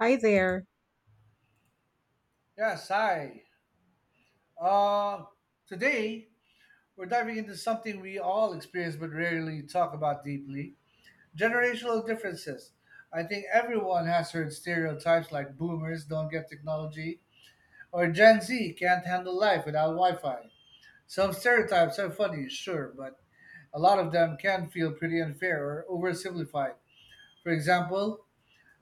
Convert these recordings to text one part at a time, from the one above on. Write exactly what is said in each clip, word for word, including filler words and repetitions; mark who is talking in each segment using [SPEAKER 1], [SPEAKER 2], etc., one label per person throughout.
[SPEAKER 1] Hi there.
[SPEAKER 2] Yes, hi. Uh, today, we're diving into something we all experience but rarely talk about deeply generational differences. I think everyone has heard stereotypes like boomers don't get technology or Gen Z can't handle life without Wi Fi. Some stereotypes are funny, sure, but a lot of them can feel pretty unfair or oversimplified. For example,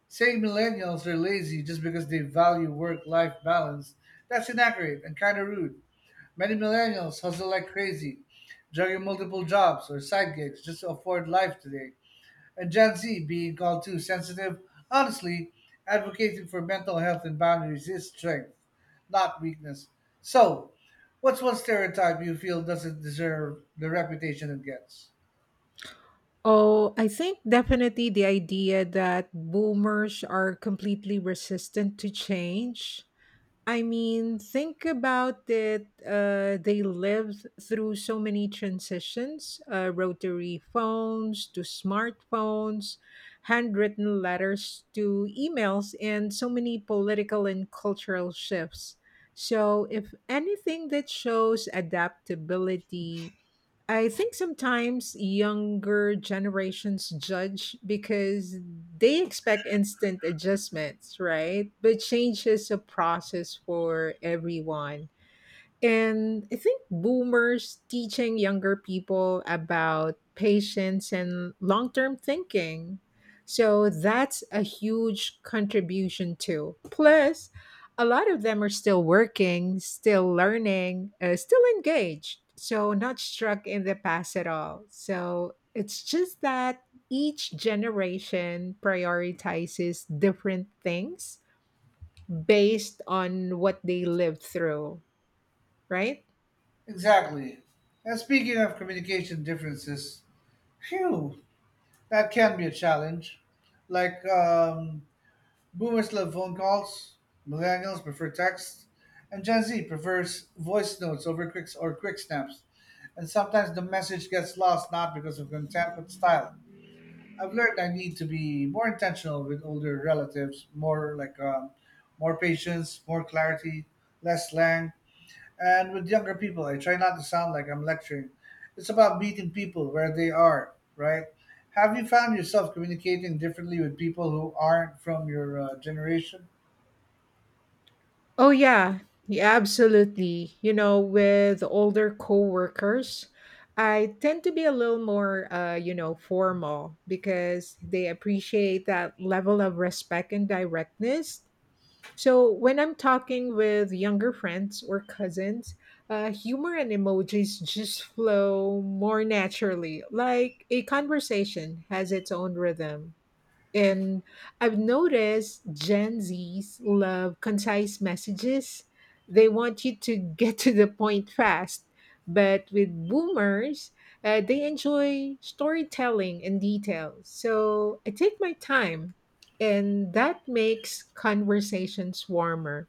[SPEAKER 2] saying millennials are lazy just because they value work life balance, that's inaccurate and kind of rude. Many millennials hustle like crazy, juggling multiple jobs or side gigs just to afford life today. And Gen Z, being called too sensitive, honestly, advocating for mental health and boundaries is strength, not weakness. So, what's one stereotype you feel doesn't deserve the reputation it gets?
[SPEAKER 1] Oh, I think definitely the idea that boomers are completely resistant to change. I mean, think about it. Uh, they lived through so many transitions, uh, rotary phones to smartphones, handwritten letters to emails, and so many political and cultural shifts. So, if anything that shows adaptability. I think sometimes younger generations judge because they expect instant adjustments, right? But change is a process for everyone. And I think boomers teaching younger people about patience and long term thinking. So that's a huge contribution too. Plus, a lot of them are still working, still learning, uh, still engaged. So, not struck in the past at all. So, it's just that each generation prioritizes different things based on what they lived through, right?
[SPEAKER 2] Exactly. And speaking of communication differences, phew, that can be a challenge. Like, um, boomers love phone calls, millennials prefer texts, and Gen Z prefers voice notes over quick or quick snaps. And sometimes the message gets lost not because of content but style. I've learned I need to be more intentional with older relatives, more like um, more patience, more clarity, less slang. And with younger people, I try not to sound like I'm lecturing. It's about meeting people where they are, right? Have you found yourself communicating differently with people who aren't from your uh, generation?
[SPEAKER 1] Oh yeah, yeah, absolutely. You know, with older coworkers, I tend to be a little more, uh, you know, formal because they appreciate that level of respect and directness. So when I'm talking with younger friends or cousins, uh, humor and emojis just flow more naturally, like a conversation has its own rhythm. And I've noticed Gen Zs love concise messages. They want you to get to the point fast. But with boomers, uh, they enjoy storytelling and detail. So I take my time, and that makes conversations warmer.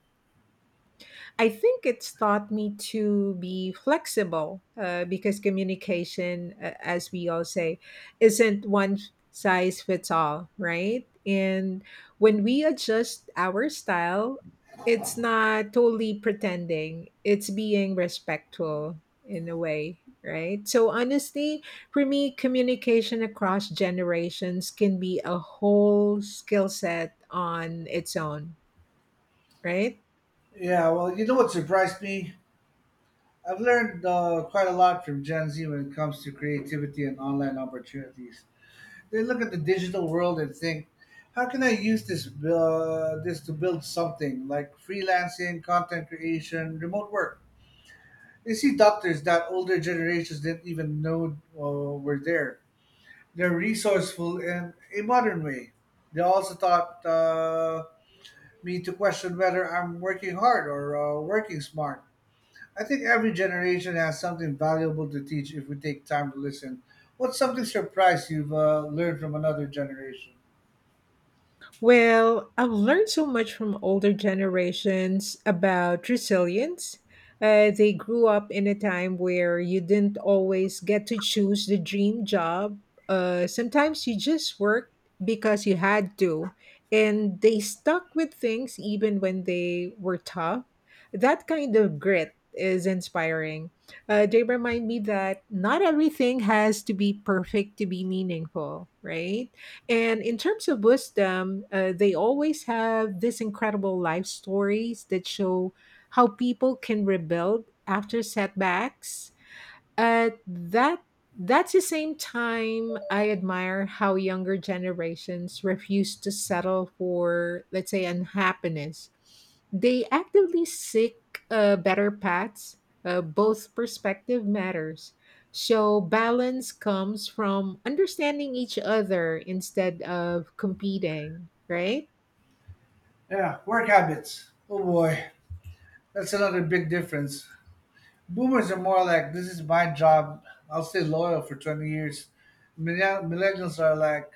[SPEAKER 1] I think it's taught me to be flexible uh, because communication, uh, as we all say, isn't one size fits all, right? And when we adjust our style, it's not totally pretending, it's being respectful in a way, right? So, honestly, for me, communication across generations can be a whole skill set on its own, right?
[SPEAKER 2] Yeah, well, you know what surprised me? I've learned uh, quite a lot from Gen Z when it comes to creativity and online opportunities. They look at the digital world and think, how can I use this uh, this to build something like freelancing, content creation, remote work? They see doctors that older generations didn't even know uh, were there. They're resourceful in a modern way. They also taught uh, me to question whether I'm working hard or uh, working smart. I think every generation has something valuable to teach if we take time to listen. What's something surprise you've uh, learned from another generation?
[SPEAKER 1] Well, I've learned so much from older generations about resilience. Uh, they grew up in a time where you didn't always get to choose the dream job. Uh, sometimes you just worked because you had to, and they stuck with things even when they were tough. That kind of grit is inspiring. Uh, they remind me that not everything has to be perfect to be meaningful, right? And in terms of wisdom, uh, they always have these incredible life stories that show how people can rebuild after setbacks, uh, that that's the same time I admire how younger generations refuse to settle for, let's say, unhappiness. They actively seek uh, better paths. Uh, both perspective matters. So balance comes from understanding each other instead of competing, right?
[SPEAKER 2] Yeah, work habits. Oh boy, that's another big difference. Boomers are more like, this is my job. I'll stay loyal for twenty years. Millennial- Millennials are like,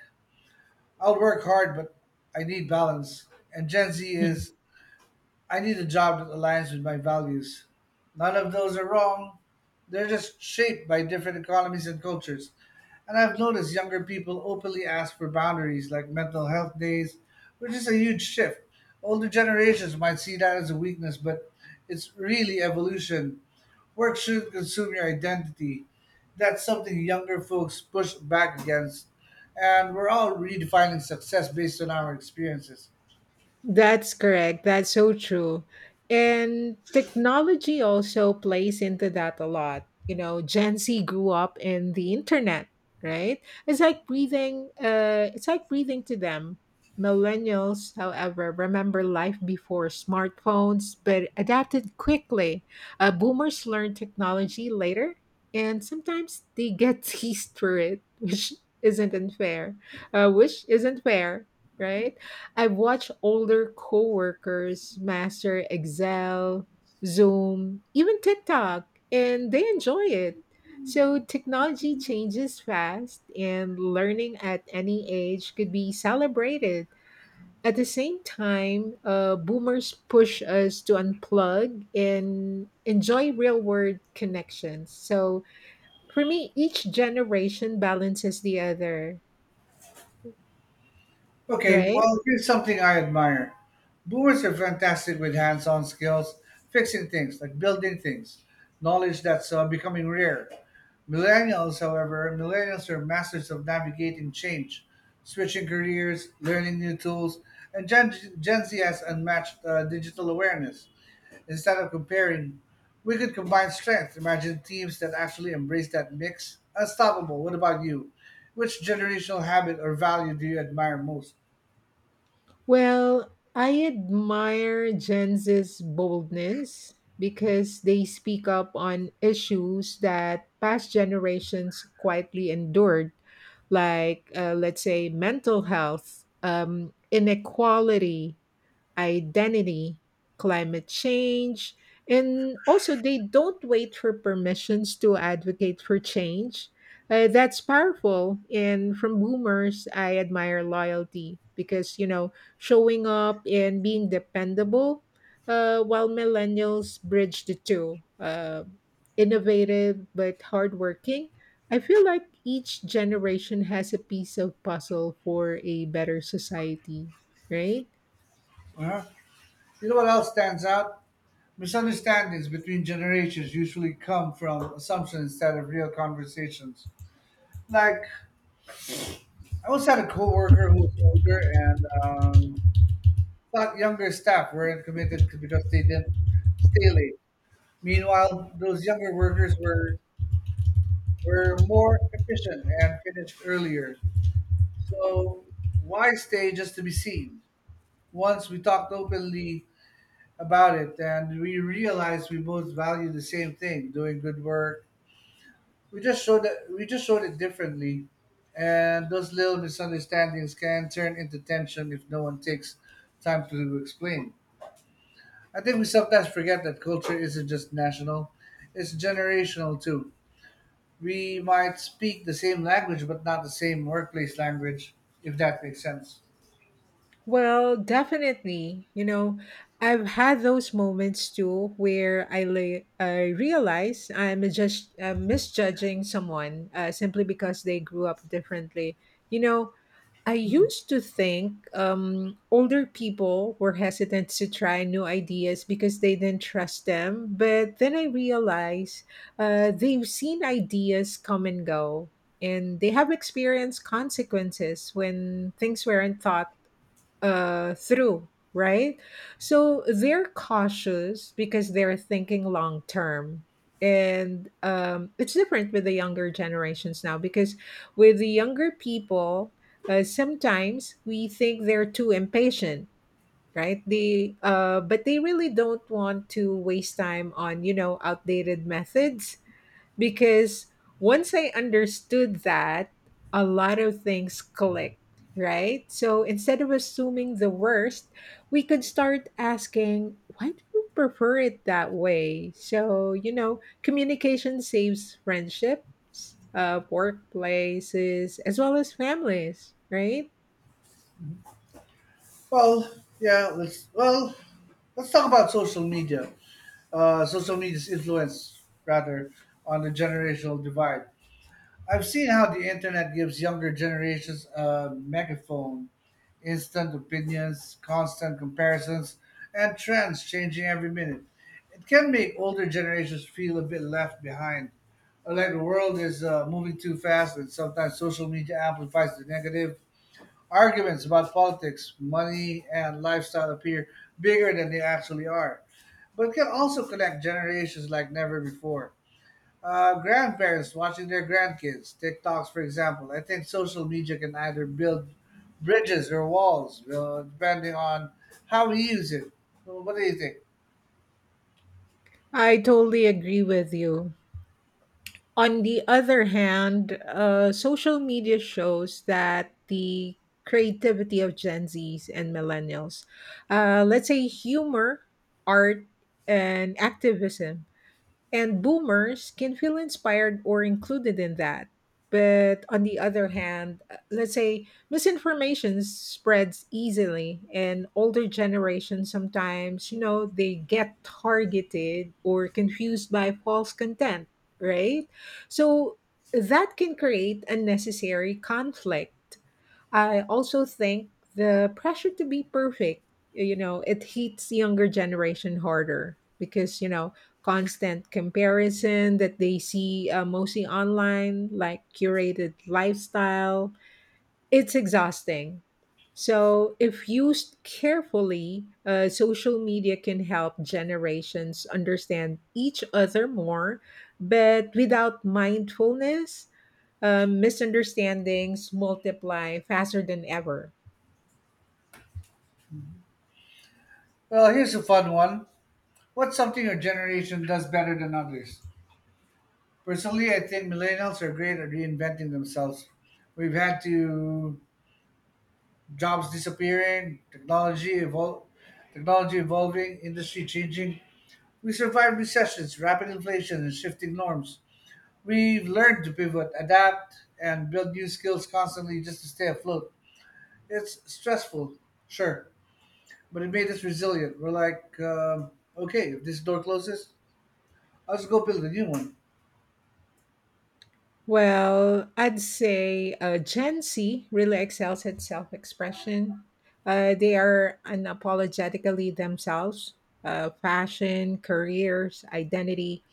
[SPEAKER 2] I'll work hard, but I need balance. And Gen Z is, I need a job that aligns with my values. None of those are wrong. They're just shaped by different economies and cultures. And I've noticed younger people openly ask for boundaries like mental health days, which is a huge shift. Older generations might see that as a weakness, but it's really evolution. Work shouldn't consume your identity. That's something younger folks push back against. And we're all redefining success based on our experiences.
[SPEAKER 1] That's correct. That's so true. And technology also plays into that a lot. You know, Gen Z grew up in the internet, right? It's like breathing uh it's like breathing to them. Millennials, however, remember life before smartphones but adapted quickly. Uh, boomers learn technology later and sometimes they get teased for it, which isn't unfair. Uh, which isn't fair, right? I've watched older coworkers master Excel, Zoom, even TikTok, and they enjoy it. So technology changes fast, and learning at any age could be celebrated. At the same time, uh, boomers push us to unplug and enjoy real world connections. So for me, each generation balances the other,
[SPEAKER 2] Okay,
[SPEAKER 1] right?
[SPEAKER 2] well, here's something I admire. Boomers are fantastic with hands on skills, fixing things, like building things, knowledge that's uh, becoming rare. Millennials, however, millennials are masters of navigating change, switching careers, learning new tools, and Gen, Gen Z has unmatched uh, digital awareness. Instead of comparing, we could combine strengths. Imagine teams that actually embrace that mix. Unstoppable. What about you? Which generational habit or value do you admire most?
[SPEAKER 1] Well, I admire Gen Z's boldness because they speak up on issues that past generations quietly endured, like, uh, let's say, mental health, um, inequality, identity, climate change, and also they don't wait for permissions to advocate for change. Uh, that's powerful. And from boomers, I admire loyalty because, you know, showing up and being dependable, uh, while millennials bridge the two. Uh, innovative but hardworking. I feel like each generation has a piece of puzzle for a better society, right?
[SPEAKER 2] Uh-huh. You know what else stands out? Misunderstandings between generations usually come from assumptions instead of real conversations. Like, I once had a coworker who was older and um, thought younger staff weren't committed because they didn't stay late. Meanwhile, those younger workers were were more efficient and finished earlier. So, why stay just to be seen? Once we talked openly about it, and we realized we both value the same thing, doing good work. We just showed that we just showed it differently, and those little misunderstandings can turn into tension if no one takes time to explain. I think we sometimes forget that culture isn't just national, it's generational too. We might speak the same language but not the same workplace language, if that makes sense.
[SPEAKER 1] Well, definitely. You know, I've had those moments too where I lay, I realize I'm just uh, misjudging someone uh, simply because they grew up differently. You know, I used to think um, older people were hesitant to try new ideas because they didn't trust them, but then I realized uh, they've seen ideas come and go, and they have experienced consequences when things weren't thought uh, through, right? So they're cautious because they're thinking long term. And um, it's different with the younger generations now because with the younger people, uh, sometimes we think they're too impatient, right? they uh But they really don't want to waste time on, you know, outdated methods because once I understood that, a lot of things clicked, right? So instead of assuming the worst, we could start asking, why do you prefer it that way? So, you know, communication saves friendships, uh, workplaces, as well as families, right?
[SPEAKER 2] Well, yeah, let's well let's talk about social media. Uh, social media's influence, rather, on the generational divide. I've seen how the internet gives younger generations a megaphone, instant opinions, constant comparisons, and trends changing every minute. It can make older generations feel a bit left behind, or like the world is uh, moving too fast, and sometimes social media amplifies the negative. Arguments about politics, money, and lifestyle appear bigger than they actually are, but can also connect generations like never before. Uh, grandparents watching their grandkids, TikToks, for example. I think social media can either build bridges or walls, uh, depending on how we use it. So what do you think?
[SPEAKER 1] I totally agree with you. On the other hand, uh, social media shows that the creativity of Gen Zs and millennials. Uh, let's say humor, art, and activism, and boomers can feel inspired or included in that. But on the other hand, uh, let's say misinformation spreads easily, and older generations sometimes, you know, they get targeted or confused by false content, right? So that can create unnecessary conflict. I also think the pressure to be perfect, you know, it hits younger generation harder because, you know, constant comparison that they see uh, mostly online, like curated lifestyle, it's exhausting. So, if used carefully, uh, social media can help generations understand each other more, but without mindfulness, uh, misunderstandings multiply faster than ever.
[SPEAKER 2] Well, here's a fun one. What's something your generation does better than others? Personally, I think millennials are great at reinventing themselves. We've had to, jobs disappearing, technology evol- technology evolving, industry changing. We survived recessions, rapid inflation, and shifting norms. We've learned to pivot, adapt, and build new skills constantly just to stay afloat. It's stressful, sure, but it made us resilient. We're like, um, okay, if this door closes, I'll just go build a new one.
[SPEAKER 1] Well, I'd say uh, Gen Z really excels at self expression. Uh, they are unapologetically themselves. Uh, fashion, careers, identity,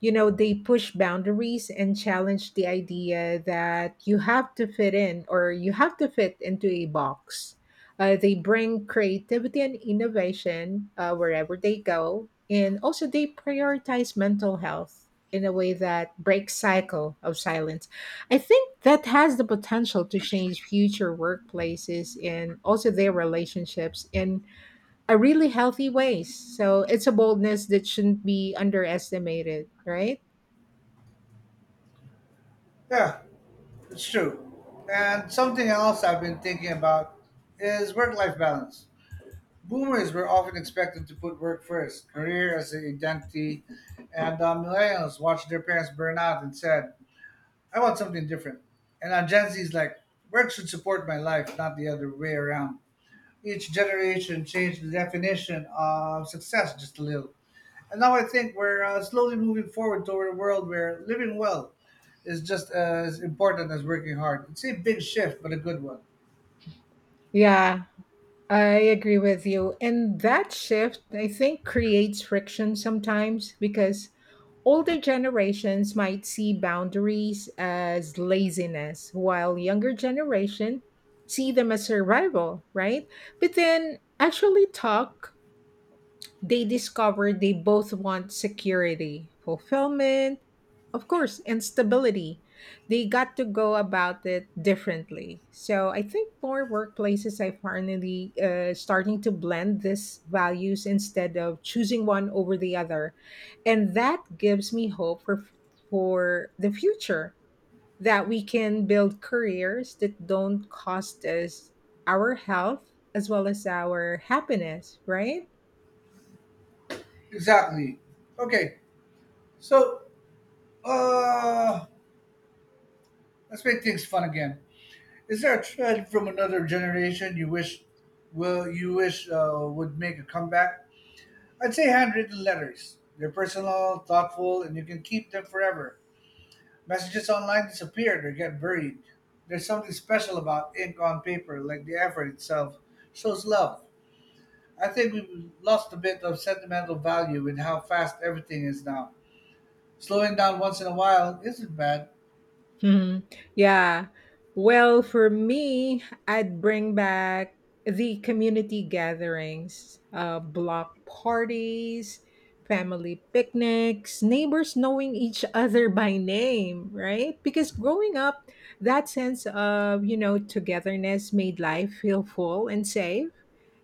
[SPEAKER 1] you know, they push boundaries and challenge the idea that you have to fit in, or you have to fit into a box. Uh, they bring creativity and innovation uh, wherever they go, and also they prioritize mental health in a way that breaks cycle of silence. I think that has the potential to change future workplaces and also their relationships in a really healthy ways. So it's a boldness that shouldn't be underestimated, right?
[SPEAKER 2] Yeah, it's true. And something else I've been thinking about is work life balance. Boomers were often expected to put work first, career as an identity, and uh, millennials watched their parents burn out and said, I want something different. And now Gen Z is like, work should support my life, not the other way around. Each generation changed the definition of success just a little. And now I think we're uh, slowly moving forward toward a world where living well is just as important as working hard. It's a big shift, but a good one.
[SPEAKER 1] Yeah, I agree with you. And that shift, I think, creates friction sometimes because older generations might see boundaries as laziness, while younger generation see them as survival, right? But then actually talk, they discover they both want security, fulfillment, of course, and stability. They got to go about it differently. So I think more workplaces are finally uh, starting to blend these values instead of choosing one over the other. And that gives me hope for, for the future, that we can build careers that don't cost us our health as well as our happiness, right?
[SPEAKER 2] Exactly. Okay, so uh, let's make things fun again. Is there a trend from another generation you wish, will you wish uh, would make a comeback? I'd say handwritten letters. They're personal, thoughtful, and you can keep them forever. Messages online disappeared or get buried. There's something special about ink on paper, like the effort itself shows love. I think we've lost a bit of sentimental value with how fast everything is now. Slowing down once in a while isn't bad.
[SPEAKER 1] Mhm. Yeah. Well, for me, I'd bring back the community gatherings, uh, block parties, family picnics, neighbors knowing each other by name, right? Because growing up, that sense of, you know, togetherness made life feel full and safe.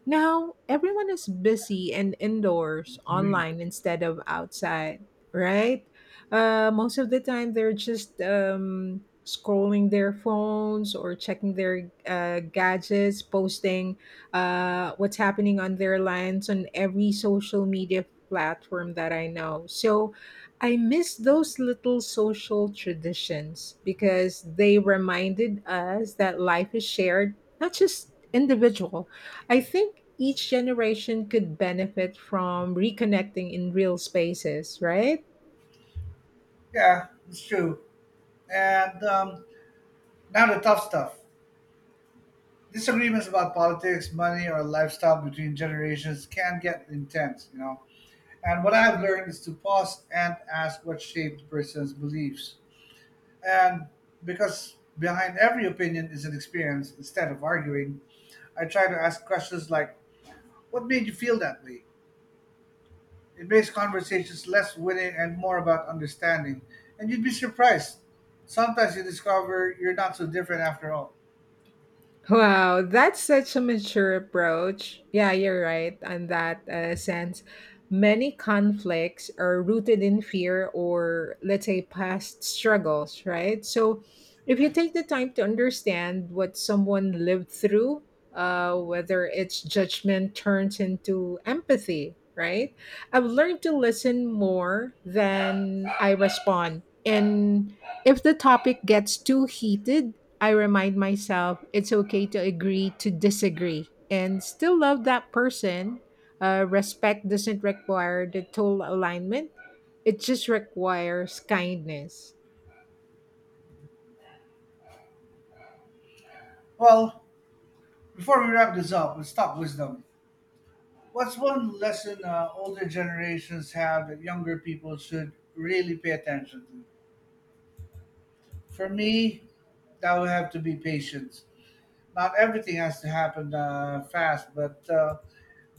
[SPEAKER 1] Now, everyone is busy and indoors,
[SPEAKER 2] Agree.
[SPEAKER 1] online instead of outside, right? Uh, most of the time, they're just um, scrolling their phones or checking their uh, gadgets, posting uh, what's happening on their lines on every social media platform that I know. So I miss those little social traditions because they reminded us that life is shared, not just individual. I think each generation could benefit from reconnecting in real spaces, right?
[SPEAKER 2] Yeah, it's true. And um, now, the tough stuff. Disagreements about politics, money, or lifestyle between generations can get intense, you know. And what I've learned is to pause and ask what shaped the person's beliefs. And because behind every opinion is an experience, instead of arguing, I try to ask questions like, what made you feel that way? It makes conversations less winning and more about understanding. And you'd be surprised. Sometimes you discover you're not so different after all.
[SPEAKER 1] Wow, that's such a mature approach. Yeah, you're right on that uh, sense. Many conflicts are rooted in fear or, let's say, past struggles, right? So, if you take the time to understand what someone lived through, uh, whether its judgment turns into empathy, right? I've learned to listen more than I respond. And if the topic gets too heated, I remind myself it's okay to agree to disagree and still love that person. Uh, respect doesn't require the total alignment, it just requires kindness.
[SPEAKER 2] Well, before we wrap this up, let's talk wisdom. What's one lesson uh, older generations have that younger people should really pay attention to? For me, that would have to be patience. Not everything has to happen uh, fast, but uh,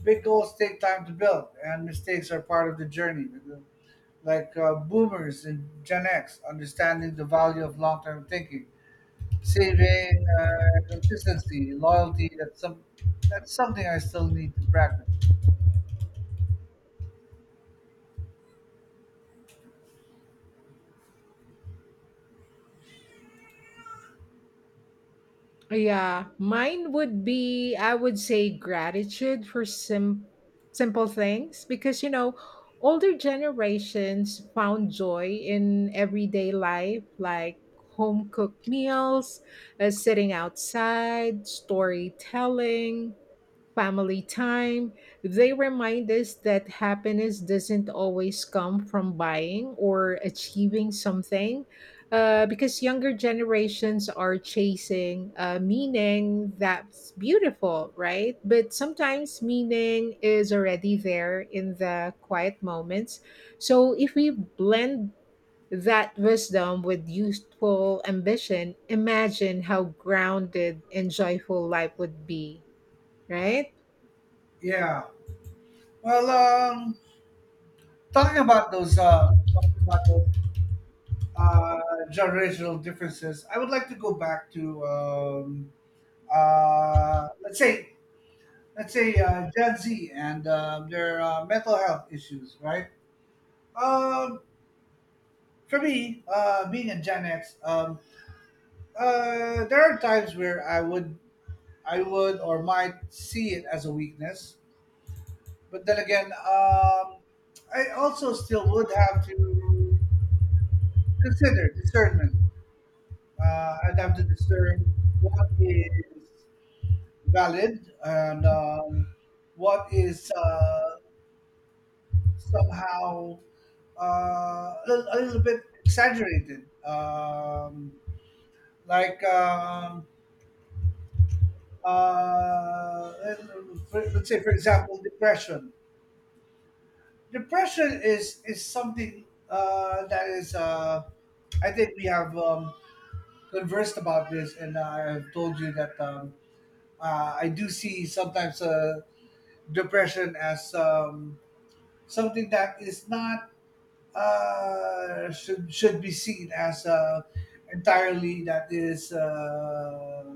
[SPEAKER 2] big goals take time to build, and mistakes are part of the journey. Like uh, boomers and Gen X, understanding the value of long term thinking, saving, uh, consistency, loyalty. That's some. That's something I still need to practice.
[SPEAKER 1] Yeah, mine would be, I would say, gratitude for sim- simple things because, you know, older generations found joy in everyday life, like home cooked meals, uh, sitting outside, storytelling, family time. They remind us that happiness doesn't always come from buying or achieving something, uh, because younger generations are chasing uh, meaning that's beautiful, right? But sometimes meaning is already there in the quiet moments. So if we blend that wisdom with youthful ambition, imagine how grounded and joyful life would be, right?
[SPEAKER 2] Yeah. Well, um, talking about those, uh, talking about those uh, generational differences, I would like to go back to um, uh, let's say let's say uh, Gen Z and um their uh, mental health issues, right? Um, for me, uh, being a Gen X, um, uh, there are times where I would I would or might see it as a weakness, but then again, um, I also still would have to consider discernment. Uh, I'd have to discern what is valid and um, what is uh, somehow uh, a, little, a little bit exaggerated. Um, like, um, uh, for- let's say, for example, depression. Depression is, is something uh, that is, uh, I think we have um, conversed about this, and I've told you that. Um, uh, I do see sometimes uh, depression as um, something that is not uh, should should be seen as uh, entirely that is uh,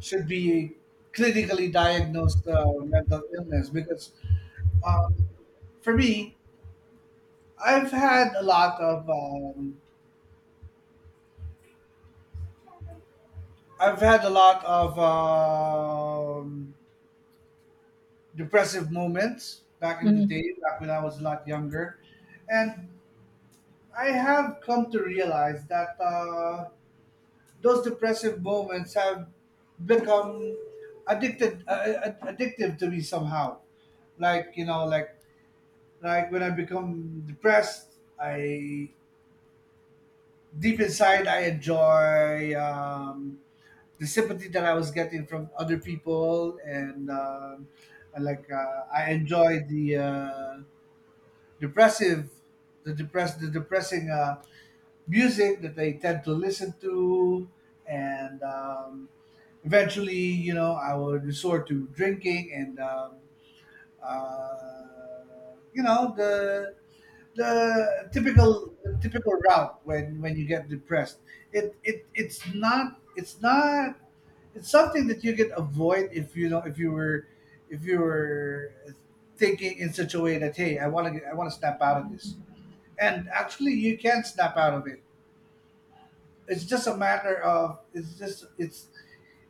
[SPEAKER 2] should be clinically diagnosed uh, mental illness because um, for me I've had a lot of um, I've had a lot of um, depressive moments back in the day, back when I was a lot younger, and I have come to realize that uh, those depressive moments have become addicted, uh, uh, addictive to me somehow. Like you know, like like when I become depressed, I, deep inside, I enjoy um, the sympathy that I was getting from other people, and um, I like uh, I enjoy the uh, depressive, the depress, the depressing uh, music that they tend to listen to, and um, eventually, you know, I would resort to drinking and, um, uh, you know, the the typical typical route when when you get depressed. It it it's not it's not it's something that you can avoid if you know, if you were if you were thinking in such a way that, hey, I want to I want to snap out of this. And actually you can snap out of it. It's just a matter of, it's just it's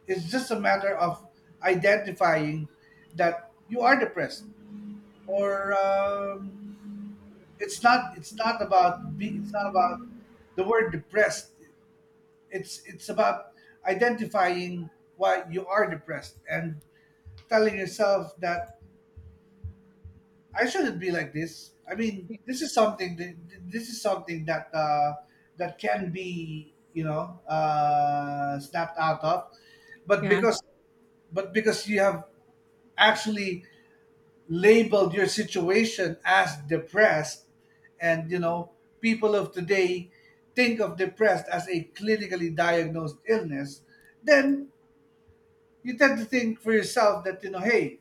[SPEAKER 2] it's just a matter of identifying that you are depressed. Or um, it's not, it's not about be, it's not about the word depressed. It's it's about identifying why you are depressed and telling yourself that, I shouldn't be like this. I mean, this is something that, this is something that uh, that can be, you know, uh, snapped out of. But
[SPEAKER 1] yeah,
[SPEAKER 2] because, but because you have actually labeled your situation as depressed, and you know, people of today think of depressed as a clinically diagnosed illness, then you tend to think for yourself that, you know, hey,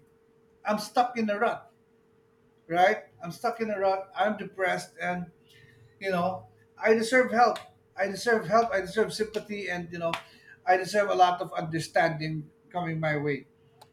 [SPEAKER 2] I'm stuck in a rut, right? I'm stuck in a rut, I'm depressed, and you know, I deserve help. I deserve help, I deserve sympathy, and you know, I deserve a lot of understanding coming my way.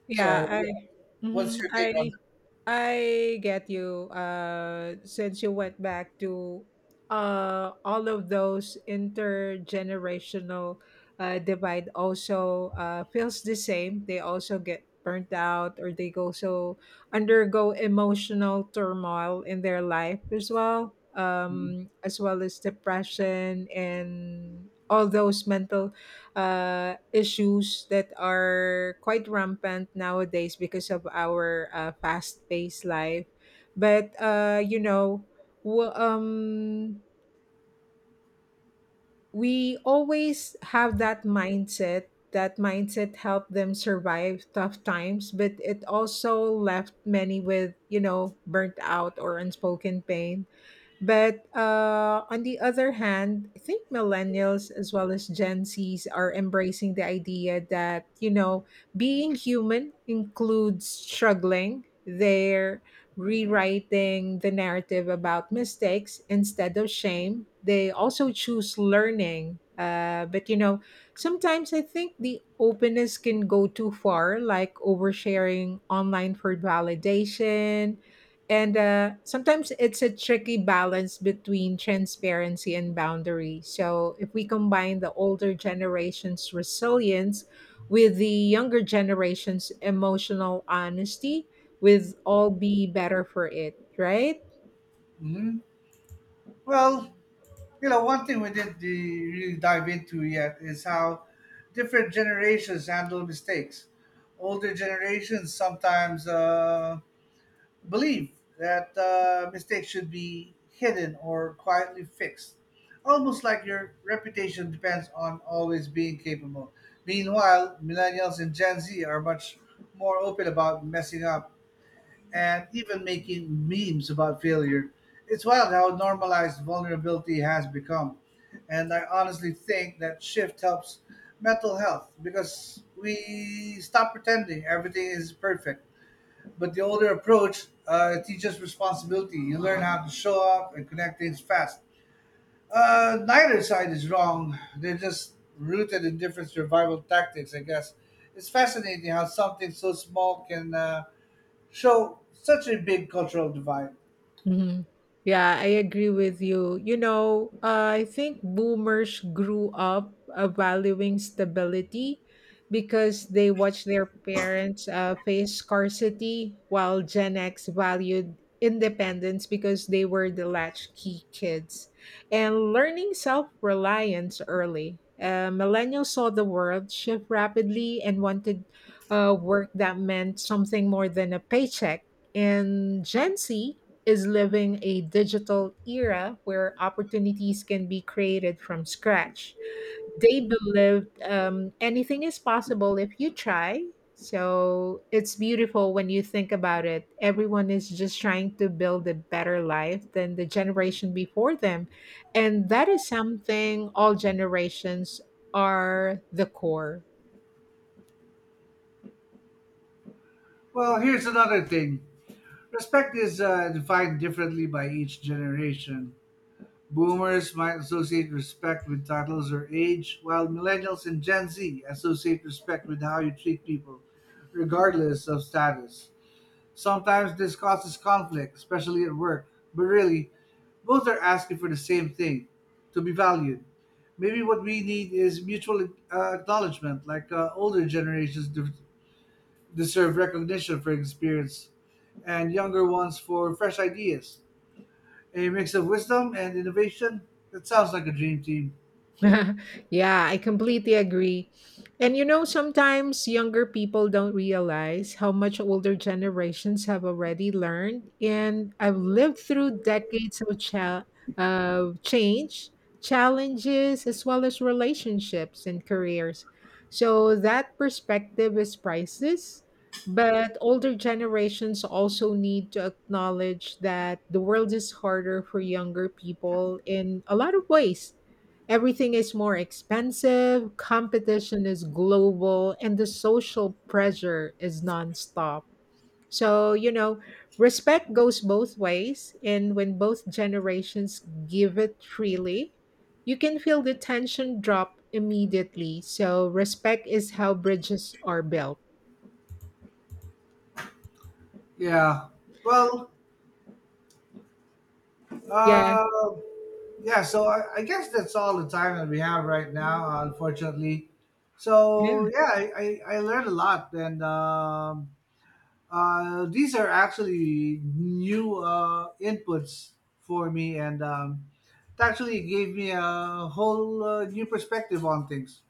[SPEAKER 1] yeah,
[SPEAKER 2] So
[SPEAKER 1] I
[SPEAKER 2] yeah,
[SPEAKER 1] mhm,
[SPEAKER 2] what's your take on?
[SPEAKER 1] I I get you. Uh, since you went back to, uh, all of those intergenerational, uh, divide also, uh, feels the same. They also get burnt out, or they go so undergo emotional turmoil in their life as well, um, as well as depression and all those mental uh, issues that are quite rampant nowadays because of our uh, fast-paced life. But uh, you know, w- um, we always have that mindset. That mindset helped them survive tough times, but it also left many with, you know, burnt out or unspoken pain. But uh, on the other hand, I think millennials as well as Gen Zs are embracing the idea that, you know, being human includes struggling. They're rewriting the narrative about mistakes. Instead of shame, they also choose learning. Uh, but, you know, sometimes I think the openness can go too far, like oversharing online for validation. And uh, sometimes it's a tricky balance between transparency and boundary. So, if we combine the older generation's resilience with the younger generation's emotional honesty, we'll all be better for it, right?
[SPEAKER 2] Mhm. Well, you know, one thing we didn't de- really dive into yet is how different generations handle mistakes. Older generations sometimes uh, believe that uh, mistakes should be hidden or quietly fixed, almost like your reputation depends on always being capable. Meanwhile, millennials and Gen Z are much more open about messing up and even making memes about failure. It's wild how normalized vulnerability has become. And I honestly think that shift helps mental health because we stop pretending everything is perfect. But the older approach uh, teaches responsibility. You learn how to show up and connect things fast. Uh, neither side is wrong. They're just rooted in different survival tactics, I guess. It's fascinating how something so small can uh, so, such a big cultural divide.
[SPEAKER 1] Mhm. Yeah, I agree with you. You know, uh, I think boomers grew up uh, valuing stability because they watched their parents uh, face scarcity, while Gen X valued independence because they were the latchkey kids. And learning self reliance early. Uh, millennials saw the world shift rapidly and wanted uh, work that meant something more than a paycheck. And Gen Z is living a digital era where opportunities can be created from scratch. They believe um, anything is possible if you try. So it's beautiful when you think about it. Everyone is just trying to build a better life than the generation before them. And that is something all generations are the core.
[SPEAKER 2] Well, here's another thing, respect is uh, defined differently by each generation. Boomers might associate respect with titles or age, while millennials and Gen Z associate respect with how you treat people, regardless of status. Sometimes this causes conflict, especially at work, but really, both are asking for the same thing, to be valued. Maybe what we need is mutual uh, acknowledgement, like uh, older generations de- deserve recognition for experience and younger ones for fresh ideas. A mix of wisdom and innovation. That sounds like a dream team.
[SPEAKER 1] Yeah, I completely agree. And you know, sometimes younger people don't realize how much older generations have already learned. And I've lived through decades of cha- of change, challenges, as well as relationships and careers. So that perspective is priceless. But older generations also need to acknowledge that the world is harder for younger people in a lot of ways. Everything is more expensive, competition is global, and the social pressure is nonstop. So, you know, respect goes both ways. And when both generations give it freely, you can feel the tension drop immediately. So, respect is how bridges are built.
[SPEAKER 2] Yeah. Well,
[SPEAKER 1] Yeah.
[SPEAKER 2] uh, yeah, so I, I guess that's all the time that we have right now, unfortunately. So,
[SPEAKER 1] Yeah.
[SPEAKER 2] yeah, I, I, I learned a lot. And um, uh, these are actually new uh, inputs for me. And um, it actually gave me a whole uh, new perspective on things.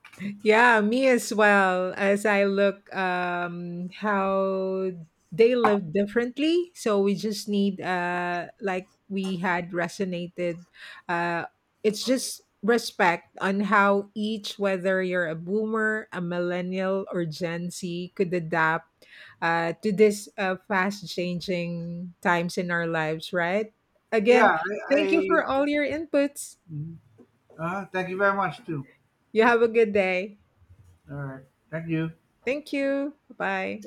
[SPEAKER 1] Yeah, me as well. As I look, um how they live differently, so we just need, uh like we had resonated, uh it's just respect on how each, whether you're a boomer, a millennial or Gen Z, could adapt uh to this uh, fast changing times in our lives, right? Again,
[SPEAKER 2] Yeah,
[SPEAKER 1] thank you
[SPEAKER 2] I,
[SPEAKER 1] for all your inputs.
[SPEAKER 2] I uh, thank you very much too.
[SPEAKER 1] You have a good day.
[SPEAKER 2] All right, thank you.
[SPEAKER 1] Thank you. Bye.